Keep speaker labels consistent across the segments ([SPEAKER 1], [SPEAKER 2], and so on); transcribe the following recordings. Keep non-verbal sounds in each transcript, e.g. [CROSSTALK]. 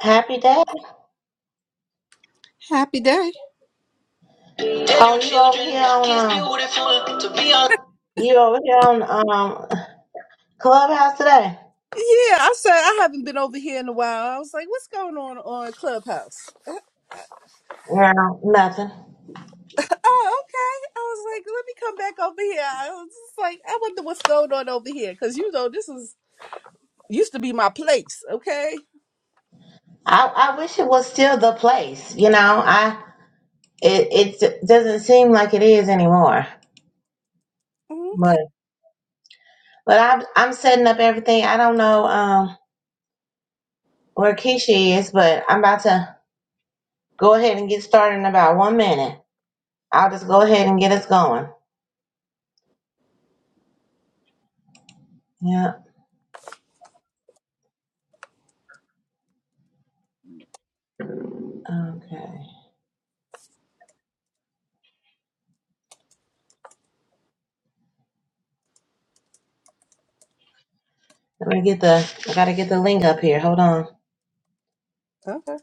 [SPEAKER 1] Happy day.
[SPEAKER 2] Happy day.
[SPEAKER 1] Oh, you over here on um, you over here on um Clubhouse today?
[SPEAKER 2] Yeah, I said I haven't been over here in a while. I was like, what's going on on Clubhouse?
[SPEAKER 1] No, nothing.
[SPEAKER 2] Oh, okay. I was like, let me come back over here. I was just like, I wonder what's going on over here because you know this is used to be my place. Okay.
[SPEAKER 1] I I wish it was still the place. You know, I it it doesn't seem like it is anymore.
[SPEAKER 2] Okay.
[SPEAKER 1] But but I'm I'm setting up everything. I don't know um where Keisha is, but I'm about to go ahead and get started in about one minute. I'll just go ahead and get us going. Yeah. Okay. Let me get the I gotta get the link up here. Hold on.
[SPEAKER 2] Okay.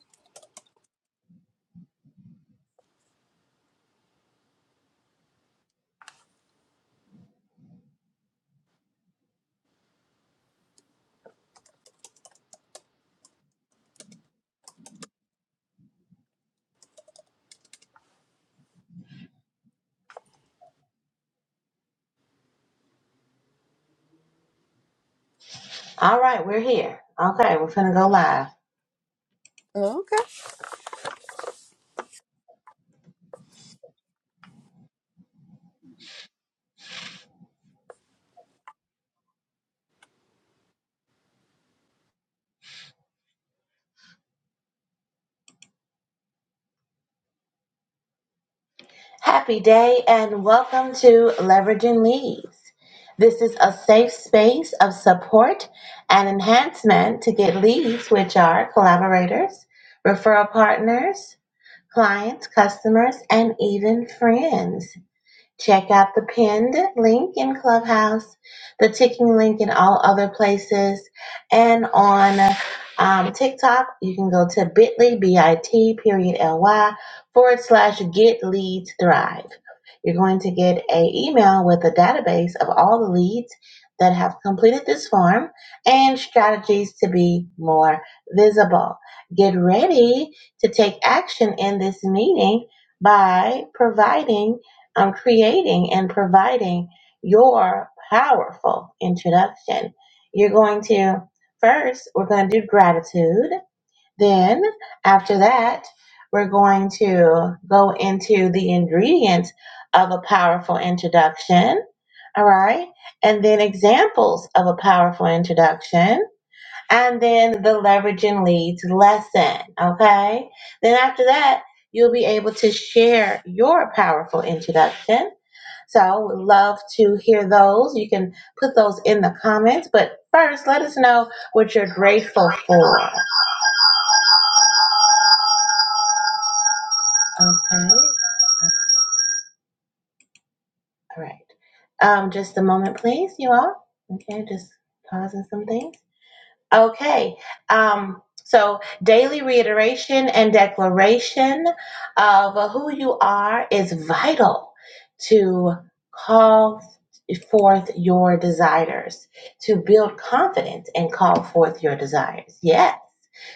[SPEAKER 1] All right, we're here. Okay, we're going to go live.
[SPEAKER 2] Okay.
[SPEAKER 1] Happy day and welcome to Leveraging Leads. This is a safe space of support and enhancement to get leads, which are collaborators, referral partners, clients, customers, and even friends. Check out the pinned link in Clubhouse, the ticking link in all other places, and on um, TikTok, you can go to bit.ly, B-I-T, period, L-Y, forward slash get leads thrive. You're going to get a email with a database of all the leads that have completed this form and strategies to be more visible. Get ready to take action in this meeting by providing I'm creating and providing your powerful introduction. You're going to first, we're going to do gratitude. Then, after that, we're going to go into the ingredients of a powerful introduction. All right. And then examples of a powerful introduction. And then the leveraging leads lesson. Okay. Then after that, you'll be able to share your powerful introduction. So we'd love to hear those. You can put those in the comments. But first, let us know what you're grateful for. Okay. All right. Um, just a moment, please, you all. Okay, just pausing some things. Okay. Um, so daily reiteration and declaration of who you are is vital to call forth your desires, to build confidence and call forth your desires. Yes.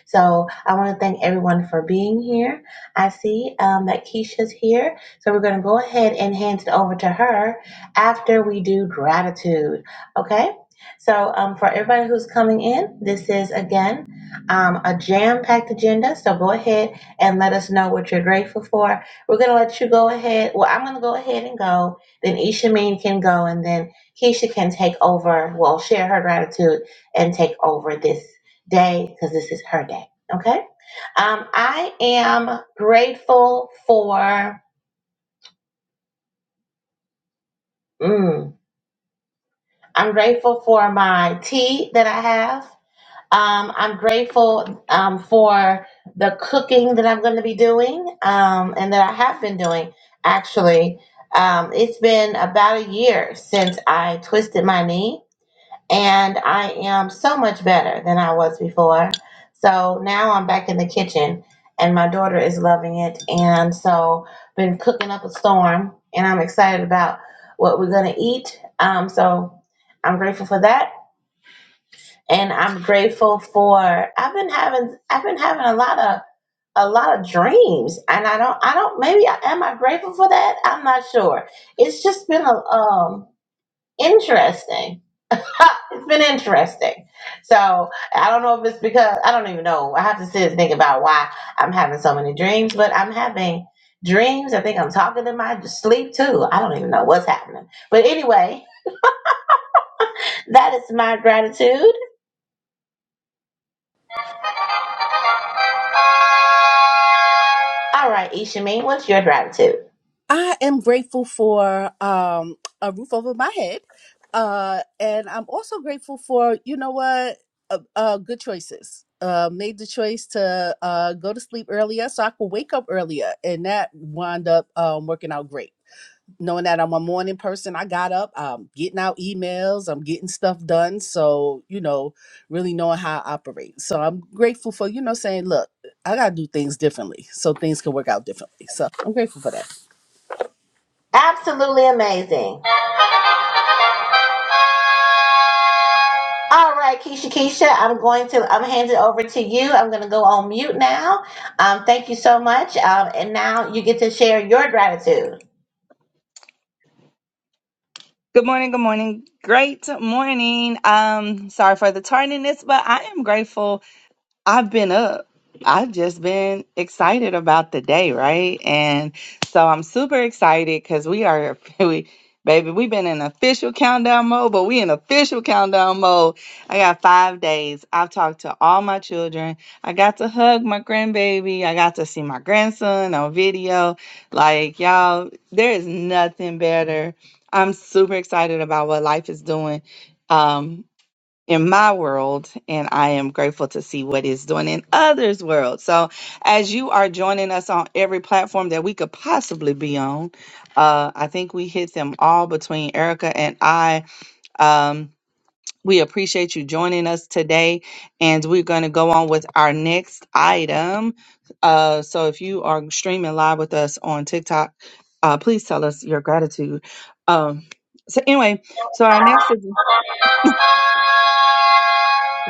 [SPEAKER 1] So I want to thank everyone for being here. I see um, that Keisha's here. So we're going to go ahead and hand it over to her after we do gratitude. Okay? So um, for everybody who's coming in, this is again um, a jam packed agenda. So go ahead and let us know what you're grateful for. We're going to let you go ahead. Well, I'm going to go ahead and go. Then Ishameen can go and then Keisha can take over, well, share her gratitude and take over this day because this is her day. Okay. Um, I am grateful for. Mm, I'm grateful for my tea that I have. Um, I'm grateful um, for the cooking that I'm going to be doing um, and that I have been doing. Actually, um, it's been about a year since I twisted my knee and I am so much better than I was before. So now I'm back in the kitchen, and my daughter is loving it, and so been cooking up a storm, and I'm excited about what we're gonna eat. Um, so I'm grateful for that, and I'm grateful for I've been having I've been having a lot of a lot of dreams and i don't i don't maybe I, am i grateful for that i'm not sure it's just been a, um interesting [LAUGHS] Ha, it's been interesting. So I don't know if it's because I don't even know. I have to sit and think about why I'm having so many dreams, but I'm having dreams. I think I'm talking in my sleep too. I don't even know what's happening. But anyway, that is my gratitude. All right, Ishami, what's your gratitude?
[SPEAKER 2] I am grateful for um, a roof over my head. Uh, and I'm also grateful for, you know what, uh, uh, good choices. Uh, made the choice to uh, go to sleep earlier so I could wake up earlier. And that wound up um, working out great. Knowing that I'm a morning person, I got up, I'm getting out emails, I'm getting stuff done. So, you know, really knowing how I operate. So I'm grateful for, you know, saying, look, I got to do things differently so things can work out differently. So I'm grateful for that.
[SPEAKER 1] Absolutely amazing. All right, Keisha, Keisha, I'm going to, I'm handing it over to you. I'm going to go on mute now. Um, thank you so much. Um, and now you get to share your gratitude.
[SPEAKER 3] Good morning, good morning. Great morning. Um, sorry for the tardiness, but I am grateful I've been up. I've just been excited about the day, right? And so I'm super excited because we are, [LAUGHS] we, baby, we've been in official countdown mode, but we in official countdown mode. I got five days. I've talked to all my children. I got to hug my grandbaby. I got to see my grandson on video. Like, y'all, there is nothing better. I'm super excited about what life is doing. Um, in my world and I am grateful to see what is doing in others' world. So as you are joining us on every platform that we could possibly be on, uh, I think we hit them all between Erica and I. Um, we appreciate you joining us today and we're going to go on with our next item. Uh, so if you are streaming live with us on TikTok, uh, please tell us your gratitude. Um, so anyway, so our next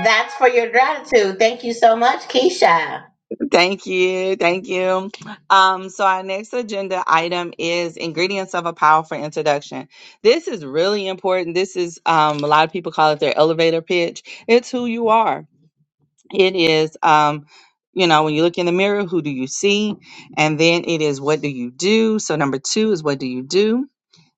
[SPEAKER 1] That's for your gratitude. Thank you so much, Keisha.
[SPEAKER 3] Thank you. Thank you. Um, so, our next agenda item is ingredients of a powerful introduction. This is really important. This is, um, a lot of people call it their elevator pitch. It's who you are. It is, um, you know, when you look in the mirror, who do you see? And then it is, what do you do? So, number two is, what do you do?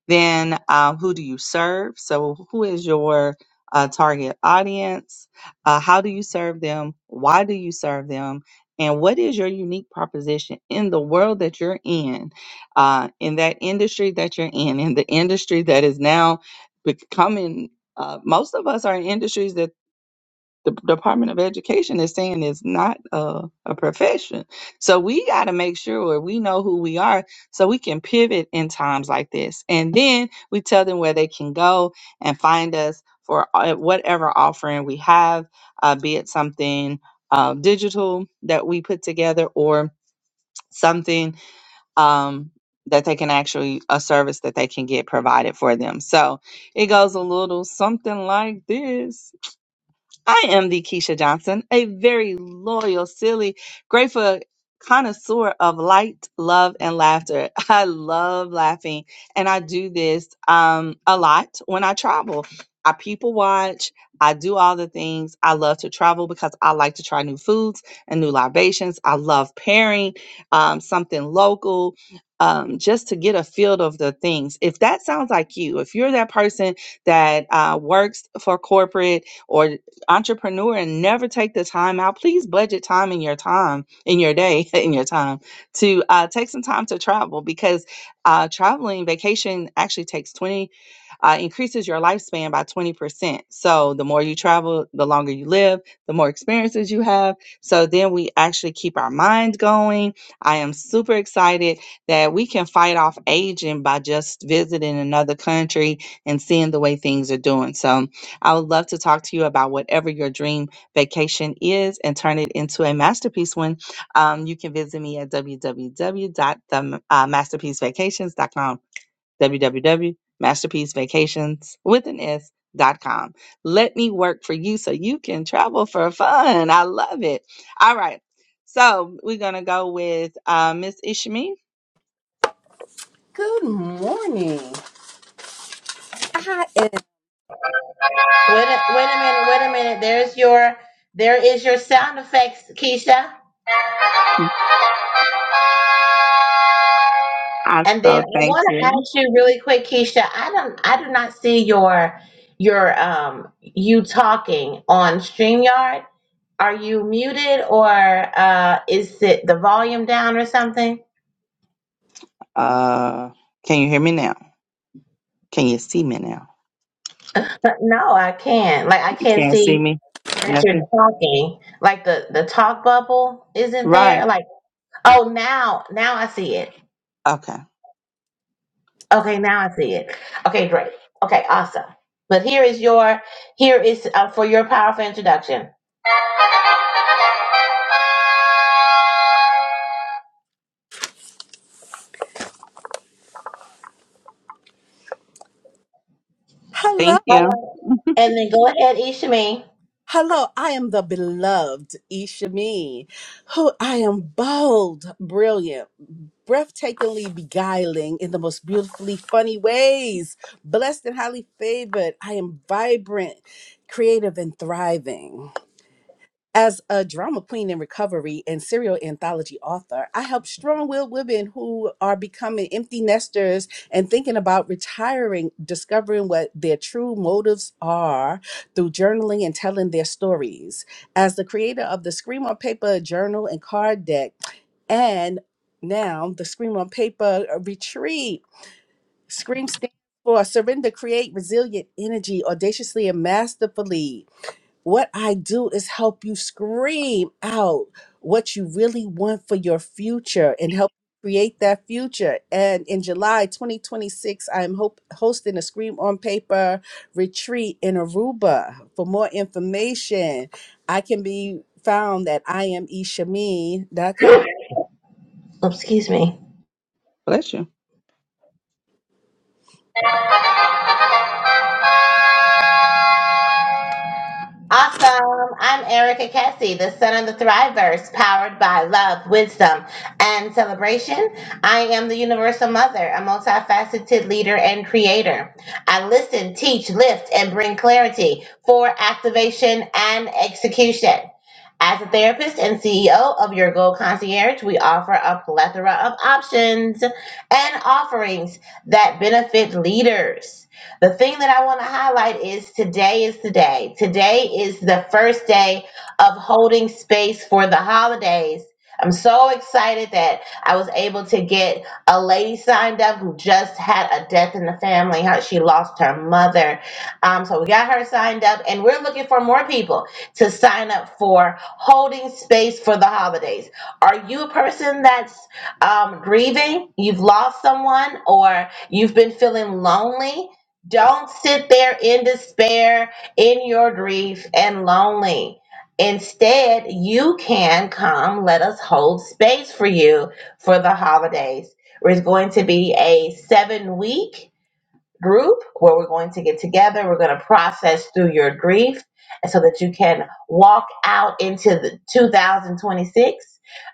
[SPEAKER 3] Then, uh, who do you serve? So, who is your uh, target audience? Uh, how do you serve them? Why do you serve them? And what is your unique proposition in the world that you're in, uh, in that industry that you're in, in the industry that is now becoming? Uh, most of us are in industries that the Department of Education is saying it's not a, a profession. So we got to make sure we know who we are so we can pivot in times like this. And then we tell them where they can go and find us for uh, whatever offering we have, uh, be it something uh, digital that we put together or something um, that they can actually, a service that they can get provided for them. So it goes a little something like this. I am the Keisha Johnson, a very loyal, silly, grateful connoisseur of light, love, and laughter. [LAUGHS] I love laughing, and I do this um, a lot when I travel. I people watch. I do all the things. I love to travel because I like to try new foods and new libations. I love pairing um, something local um, just to get a feel of the things. If that sounds like you, if you're that person that uh, works for corporate, or entrepreneur and never take the time out, please budget time in your time, in your day, [LAUGHS] in your time to uh, take some time to travel because uh, traveling vacation actually takes 20, uh, increases your lifespan by 20%. So the more you travel, the longer you live, the more experiences you have. So then we actually keep our mind going. I am super excited that we can fight off aging by just visiting another country and seeing the way things are doing. So, I would love to talk to you about whatever your dream vacation is and turn it into a masterpiece one. Um, you can visit me at w w w dot www.themasterpiecevacations.com. www.masterpiecevacations with an S. Dot com. Let me work for you so you can travel for fun. I love it. All right. So we're going to go with uh, Miss Ishmi.
[SPEAKER 1] Wait a, wait a minute, wait a minute. There's your there is your sound effects, Keisha.
[SPEAKER 3] I
[SPEAKER 1] And then
[SPEAKER 3] so
[SPEAKER 1] I
[SPEAKER 3] thank
[SPEAKER 1] want to
[SPEAKER 3] you.
[SPEAKER 1] ask you really quick, Keisha. I don't I do not see your your um you talking on StreamYard. Are you muted or uh is it the volume down or something?
[SPEAKER 3] Uh, can you hear me now? Can you see me now?
[SPEAKER 1] But no, I can't. Like I
[SPEAKER 3] You
[SPEAKER 1] can't
[SPEAKER 3] can't see
[SPEAKER 1] see
[SPEAKER 3] me?
[SPEAKER 1] that you're
[SPEAKER 3] Nothing?
[SPEAKER 1] talking. Like the the talk bubble isn't
[SPEAKER 3] Right.
[SPEAKER 1] there. Like Oh, now, now I see it.
[SPEAKER 3] Okay.
[SPEAKER 1] Okay, now I see it. Okay, great. Okay, awesome. But here is your, here is uh, for your powerful introduction.
[SPEAKER 2] Hello.
[SPEAKER 3] Thank
[SPEAKER 1] All
[SPEAKER 3] you.
[SPEAKER 1] right. And then go ahead, Ishmi.
[SPEAKER 2] Hello, I am the beloved Ishami, who I am bold, brilliant, breathtakingly beguiling in the most beautifully funny ways, blessed and highly favored. I am vibrant, creative, and thriving. As a drama queen in recovery and serial anthology author, I help strong willed women who are becoming empty nesters and thinking about retiring, discovering what their true motives are through journaling and telling their stories. As the creator of the Scream on Paper journal and card deck, and now the Scream on Paper uh, retreat, Scream stands for Surrender, Create Resilient Energy, Audaciously and Masterfully. What I do is help you scream out what you really want for your future and help create that future. And in July 2026, I'm hope, hosting a Scream on Paper retreat in Aruba. For more information, I can be found at imeshameen.com.
[SPEAKER 1] Oops, Excuse me.
[SPEAKER 3] Bless you.
[SPEAKER 1] Awesome. I'm Erica Cassie, the son of the Thrivers, powered by love, wisdom, and celebration. I am the universal mother, a multifaceted leader and creator. I listen, teach, lift, and bring clarity for activation and execution. As a therapist and CEO of Your Goal Concierge, we offer a plethora of options and offerings that benefit leaders. The thing that I want to highlight is today is the day. Today is the first day of holding space for the holidays. I'm so excited that I was able to get a lady signed up who just had a death in the family. How she lost her mother. Um, so we got her signed up, and we're looking for more people to sign up for holding space for the holidays. Are you a person that's um, grieving? You've lost someone, or you've been feeling lonely? Don't sit there in despair, in your grief, and lonely. Instead, you can come. Let us hold space for you for the holidays. It's going to be a seven week group where we're going to get together. We're going to process through your grief so that you can walk out into the 2026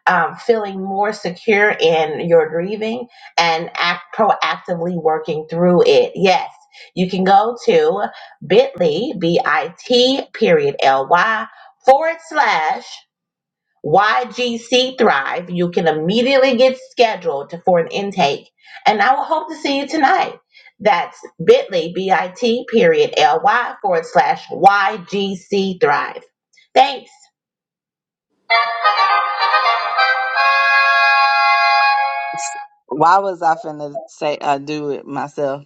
[SPEAKER 1] um, feeling more secure in your grieving and act proactively working through it. Yes. You can go to bit.ly, B-I-T period L-Y forward slash YGC Thrive. You can immediately get scheduled to- for an intake. And I will hope to see you tonight. That's bit.ly, B-I-T, period, L-Y, forward slash YGC Thrive. Thanks.
[SPEAKER 3] Why was I finna say I do it myself?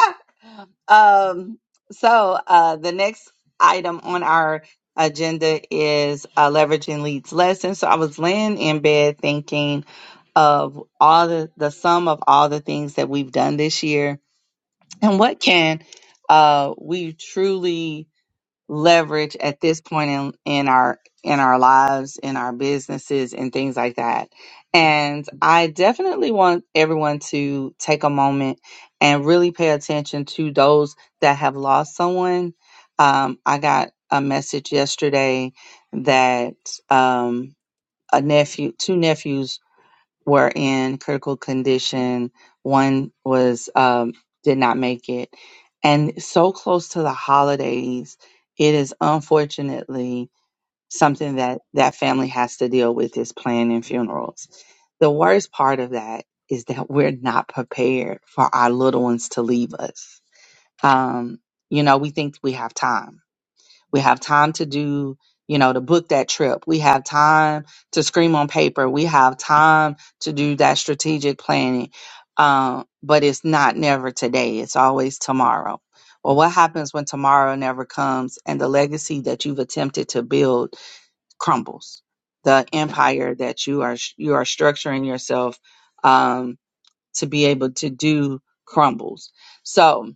[SPEAKER 3] [LAUGHS] um, so uh, the next item on our agenda is uh, leveraging leads lessons. So I was laying in bed thinking of all the the sum of all the things that we've done this year, and what can uh, we truly leverage at this point in, in our in our lives in our businesses and things like that and i definitely want everyone to take a moment and really pay attention to those that have lost someone um, i got a message yesterday that um, a nephew two nephews were in critical condition. One was um, did not make it, and so close to the holidays, it is unfortunately something that that family has to deal with is planning funerals. The worst part of that is that we're not prepared for our little ones to leave us. Um, you know, we think we have time we have time to do, you know, to book that trip. We have time to scream on paper. We have time to do that strategic planning. Um, but it's not never today. It's always tomorrow. Well, what happens when tomorrow never comes and the legacy that you've attempted to build crumbles? The empire that you are you are structuring yourself um, to be able to do crumbles. So,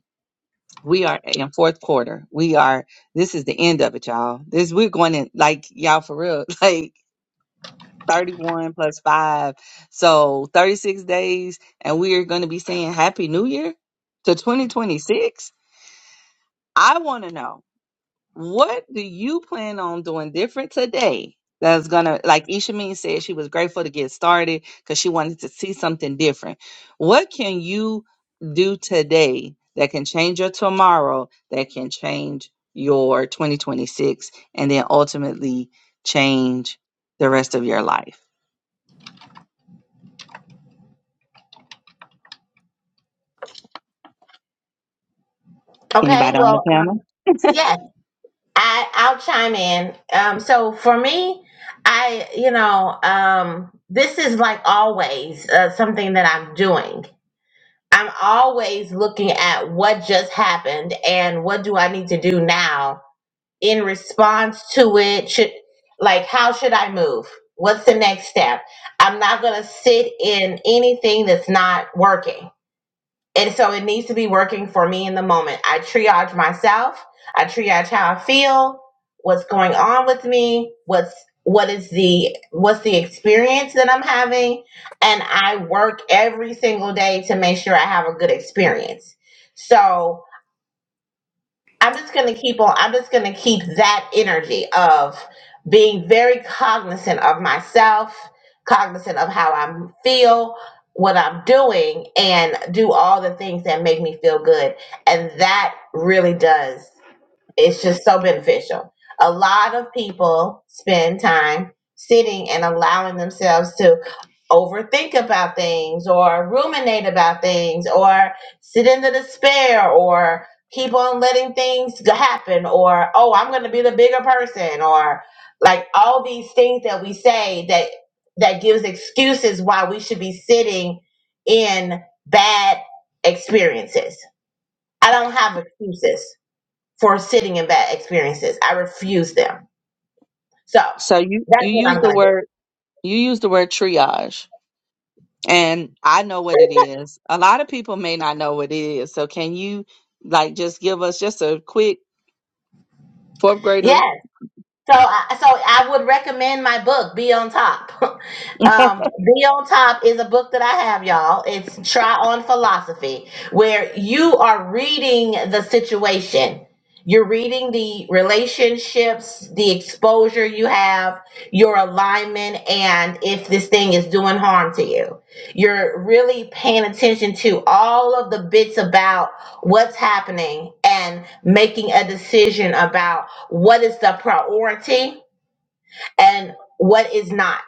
[SPEAKER 3] we are in fourth quarter. We are this is the end of it, y'all. This we're going in like y'all for real, [LAUGHS] like 31 plus five. So 36 days, and we are gonna be saying happy new year to 2026. I wanna know. What do you plan on doing different today? That's gonna, like Ishameen said, she was grateful to get started because she wanted to see something different. What can you do today that can change your tomorrow, that can change your 2026, and then ultimately change the rest of your life?
[SPEAKER 1] Okay,
[SPEAKER 3] Anybody on the
[SPEAKER 1] well,
[SPEAKER 3] panel?
[SPEAKER 1] um,
[SPEAKER 3] [LAUGHS]
[SPEAKER 1] yes, I, I'll chime in. Um, so for me, I, you know, um, this is like always uh, something that I'm doing. I'm always looking at what just happened and what do I need to do now in response to it should like how should i move what's the next step i'm not going to sit in anything that's not working and so it needs to be working for me in the moment i triage myself i triage how i feel what's going on with me what's what is the what's the experience that i'm having and i work every single day to make sure i have a good experience so I'm just going to keep on. I'm just going to keep that energy of being very cognizant of myself, cognizant of how I feel, what I'm doing, and do all the things that make me feel good. And that really does. It's just so beneficial. A lot of people spend time sitting and allowing themselves to overthink about things or ruminate about things or sit in the despair or keep on letting things g- happen or oh i'm going to be the bigger person or like all these things that we say that that gives excuses why we should be sitting in bad experiences i don't have excuses for sitting in bad experiences. I refuse them. So
[SPEAKER 3] So you
[SPEAKER 1] that's
[SPEAKER 3] you
[SPEAKER 1] what
[SPEAKER 3] use
[SPEAKER 1] I'm
[SPEAKER 3] the
[SPEAKER 1] gonna do.
[SPEAKER 3] word you use the word triage. and I know what it is. A lot of people may not know what it is. So can you like just give us just a quick fourth grader?
[SPEAKER 1] Yeah,
[SPEAKER 3] [LAUGHS]
[SPEAKER 1] So, I- so I would recommend my book, Be on Top. [LAUGHS] um, Be on Top is a book that I have, y'all. It's Try on Philosophy, where you are reading the situation. You're reading the relationships, the exposure you have, your alignment, and if this thing is doing harm to you. You're really paying attention to all of the bits about what's happening and making a decision about what is the priority and what is not.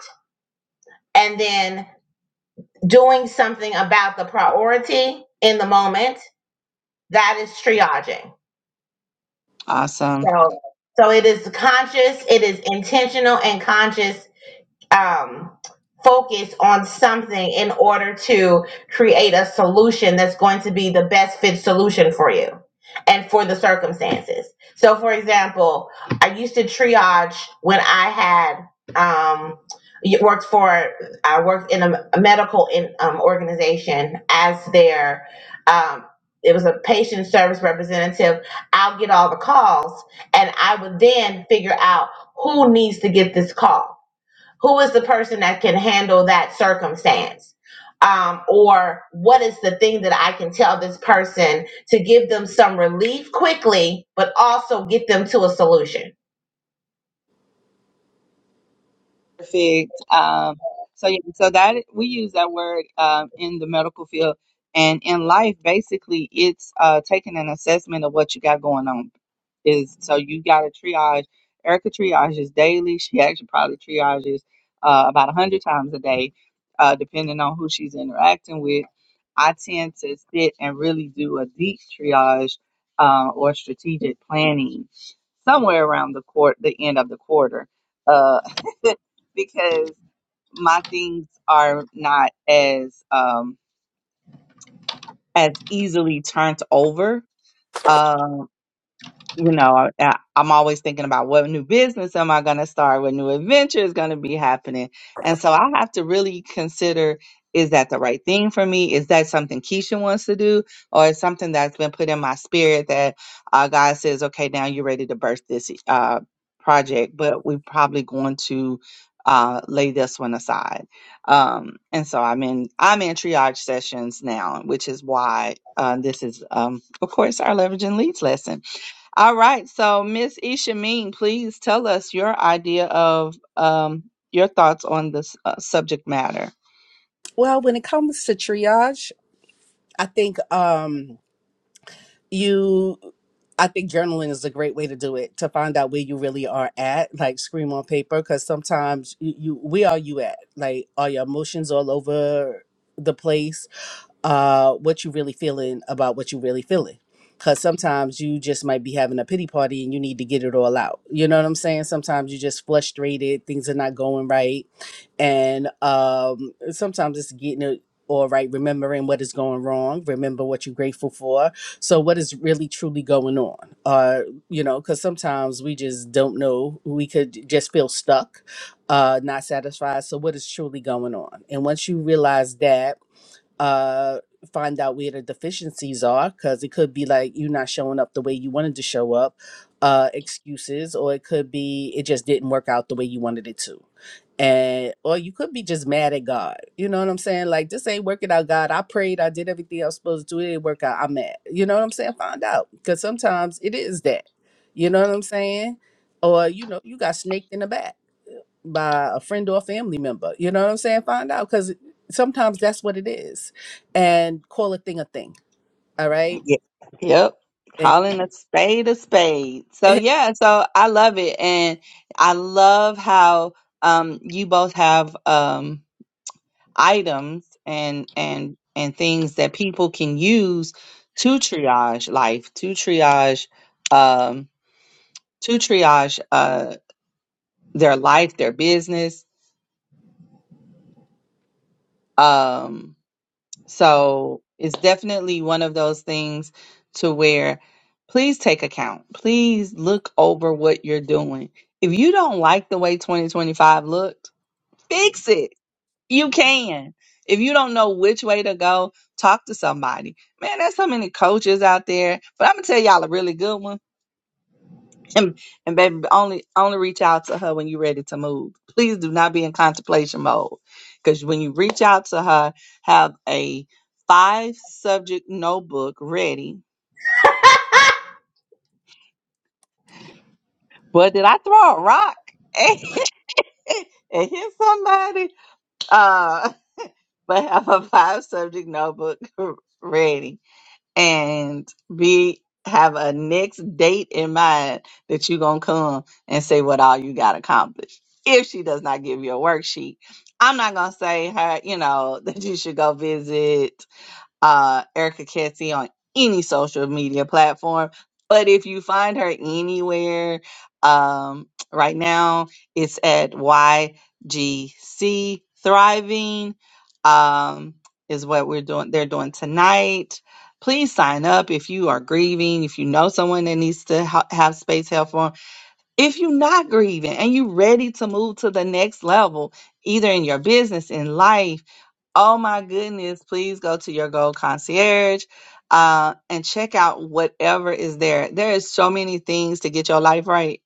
[SPEAKER 1] And then doing something about the priority in the moment, that is triaging.
[SPEAKER 3] Awesome.
[SPEAKER 1] So so it is conscious, it is intentional and conscious um, focus on something in order to create a solution that's going to be the best fit solution for you and for the circumstances. So, for example, I used to triage when I had um, y- worked for I worked in a, a medical in, um, organization as their um, it was a patient service representative. I'll get all the calls, and I would then figure out who needs to get this call who is the person that can handle that circumstance um, or what is the thing that i can tell this person to give them some relief quickly but also get them to a solution
[SPEAKER 3] perfect. Um, so yeah, so that we use that word um, in the medical field and in life. Basically, it's uh, taking an assessment of what you got going on. Is so you got to triage. Erica triages daily. She actually probably triages uh, about a hundred times a day, uh, depending on who she's interacting with. I tend to sit and really do a deep triage uh, or strategic planning somewhere around the court, the end of the quarter. Uh, [LAUGHS] because my things are not as um as easily turned over. Um you know, I, I'm always thinking about what new business am I going to start? What new adventure is going to be happening? And so I have to really consider is that the right thing for me? Is that something Keisha wants to do? Or is something that's been put in my spirit that uh, God says, okay, now you're ready to birth this uh, project, but we're probably going to. Uh, lay this one aside, um, and so I'm in I'm in triage sessions now, which is why uh, this is, um, of course, our leveraging leads lesson all right. So, Miss Isha Mean, please tell us your idea of um, your thoughts on this uh, subject matter.
[SPEAKER 2] Well, when it comes to triage, I think um you I think journaling is a great way to do it to find out where you really are at, like scream on paper, because sometimes you, you where are you at? Like are your emotions all over the place? uh, what you really feeling about what you really feeling. Cause sometimes you just might be having a pity party and you need to get it all out. You know what I'm saying? Sometimes you're just frustrated, things are not going right. And um sometimes it's getting it all right, remembering what is going wrong, remember what you're grateful for. So what is really truly going on? Uh, you know, because sometimes we just don't know. We could just feel stuck, uh, not satisfied. So what is truly going on? And once you realize that uh find out where the deficiencies are because it could be like you not showing up the way you wanted to show up uh excuses or it could be it just didn't work out the way you wanted it to and or you could be just mad at god you know what i'm saying like this ain't working out god i prayed i did everything i was supposed to do it didn't work out i'm mad you know what i'm saying find out because sometimes it is that you know what i'm saying or you know you got snaked in the back by a friend or a family member. You know what I'm saying? Find out because sometimes that's what it is, and call a thing a thing. All right.
[SPEAKER 3] Yeah. Yep.
[SPEAKER 2] And
[SPEAKER 3] Calling a spade a spade. So
[SPEAKER 2] [LAUGHS]
[SPEAKER 3] yeah, so I love it. And I love how um you both have um items and and and things that people can use to triage life, to triage um to triage uh their life, their business. Um So it's definitely one of those things to where please take account. Please look over what you're doing. If you don't like the way 2025 looked, fix it. You can. If you don't know which way to go, talk to somebody. Man, there's so many coaches out there, but I'm going to tell y'all a really good one and, and baby, only only reach out to her when you're ready to move. Please do not be in contemplation mode, because when you reach out to her, have a five subject notebook ready. Well, did I throw a rock [LAUGHS] and hit somebody? Uh, but have a five subject notebook [LAUGHS] ready and be have a next date in mind that you're gonna come and say what all you got accomplished. If she does not give you a worksheet, I'm not gonna say her, you know, [LAUGHS] that you should go visit uh, Erica Cassie on any social media platform. But if you find her anywhere, um, right now it's at YGC Thriving, um, is what we're doing. They're doing tonight. Please sign up if you are grieving, if you know someone that needs to ha- have space help for 'em. If you're not grieving and you're ready to move to the next level, either in your business, in life, Oh my goodness, please go to your Gold Concierge uh, and check out whatever is there. There is so many things to get your life right,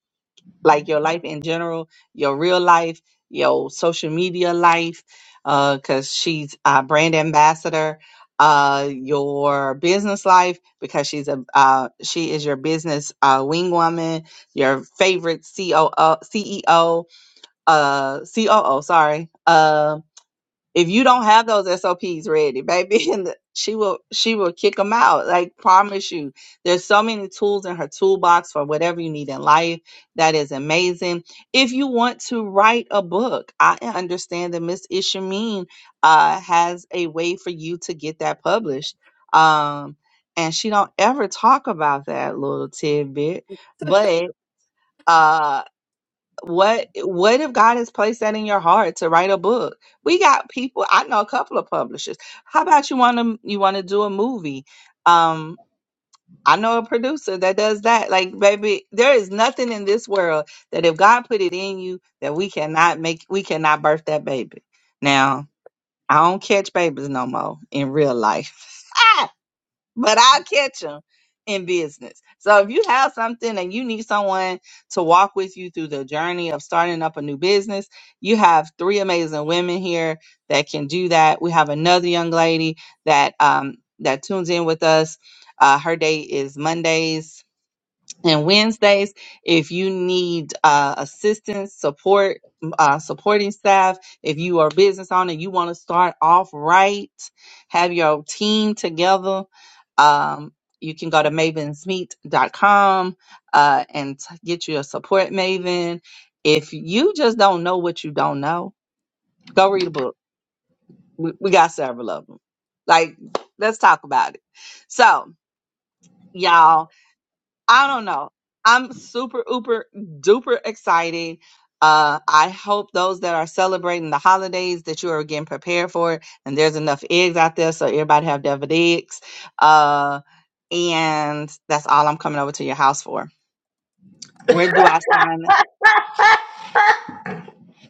[SPEAKER 3] like your life in general, your real life, your social media life, because she's a brand ambassador. Uh, your business life because she's a uh, she is your business uh, wing woman, your favorite COO, CEO, uh, COO, sorry, uh, if you don't have those SOPs ready, baby, [LAUGHS] and the- she will she will kick them out. Like promise you, there's so many tools in her toolbox for whatever you need in life. That is amazing. If you want to write a book, I understand that Miss Ishameen uh, has a way for you to get that published. Um, and she don't ever talk about that little tidbit, but. Uh, what what if God has placed that in your heart to write a book? We got people. I know a couple of publishers. How about you want to you want to do a movie? Um, I know a producer that does that. Like, baby, there is nothing in this world that if God put it in you that we cannot make we cannot birth that baby. Now, I don't catch babies no more in real life. [LAUGHS] but I'll catch them in business. So if you have something and you need someone to walk with you through the journey of starting up a new business, you have three amazing women here that can do that. We have another young lady that um that tunes in with us. Uh, her day is Mondays and Wednesdays. If you need uh, assistance, support, uh, supporting staff, if you are a business owner, you want to start off right, have your team together. Um, you can go to mavensmeet.com uh, and t- get you a support maven. If you just don't know what you don't know, go read a book. We, we got several of them. Like, let's talk about it. So, y'all I don't know. I'm super, uber, duper excited. Uh, I hope those that are celebrating the holidays that you are getting prepared for it, and there's enough eggs out there so everybody have deviled eggs. Uh, and that's all I'm coming over to your house for. Where do I sign?
[SPEAKER 1] [LAUGHS]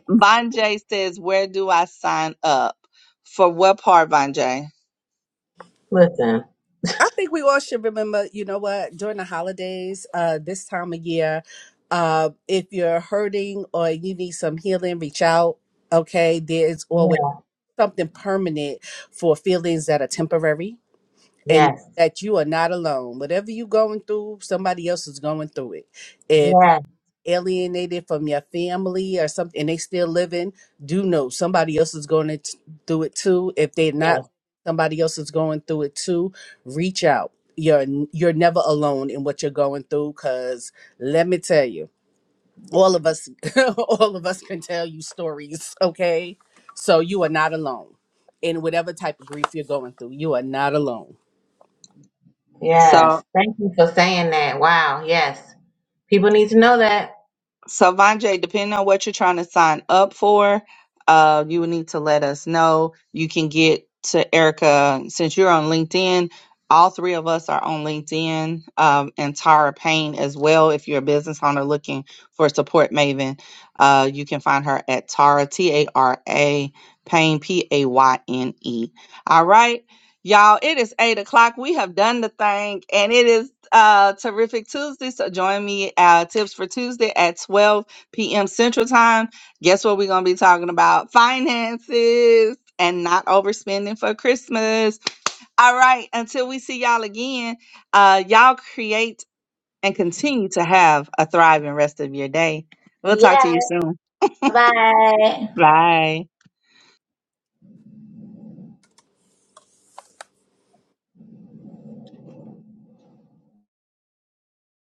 [SPEAKER 3] Bonjay says, "Where do I sign up for what part, Bonjay?"
[SPEAKER 1] listen
[SPEAKER 2] I think we all should remember. You know what? During the holidays, uh, this time of year, uh, if you're hurting or you need some healing, reach out. Okay, there's always
[SPEAKER 1] Yeah.
[SPEAKER 2] something permanent for feelings that are temporary and
[SPEAKER 1] yes
[SPEAKER 2] that you are not alone. Whatever you're going through, somebody else is going through it. If
[SPEAKER 1] yes
[SPEAKER 2] alienated from your family or something and they still living, do know somebody else is going to through it too. If they're not,
[SPEAKER 1] yes
[SPEAKER 2] somebody else is going through it too. Reach out. You're you're never alone in what you're going through cuz let me tell you, all of us [LAUGHS] all of us can tell you stories, okay? So you are not alone in whatever type of grief you're going through. You are not alone.
[SPEAKER 3] So
[SPEAKER 1] yes thank you for saying that wow yes people need to know that
[SPEAKER 3] So, Vonjay, depending on what you're trying to sign up for, uh, you will need to let us know. You can get to Erica since you're on LinkedIn. All three of us are on LinkedIn, um, and Tara Payne as well. If you're a business owner looking for a support maven, uh, you can find her at Tara T A R A Payne P A Y N E. All right. Y'all, it is eight o'clock. We have done the thing, and it is uh terrific Tuesday. So join me uh tips for Tuesday at 12 p.m. Central Time. Guess what? We're gonna be talking about finances and not overspending for Christmas. All right, until we see y'all again, uh, y'all create and continue to have a thriving rest of your day. We'll talk to
[SPEAKER 1] yes
[SPEAKER 3] you soon.
[SPEAKER 1] bye
[SPEAKER 3] Bye.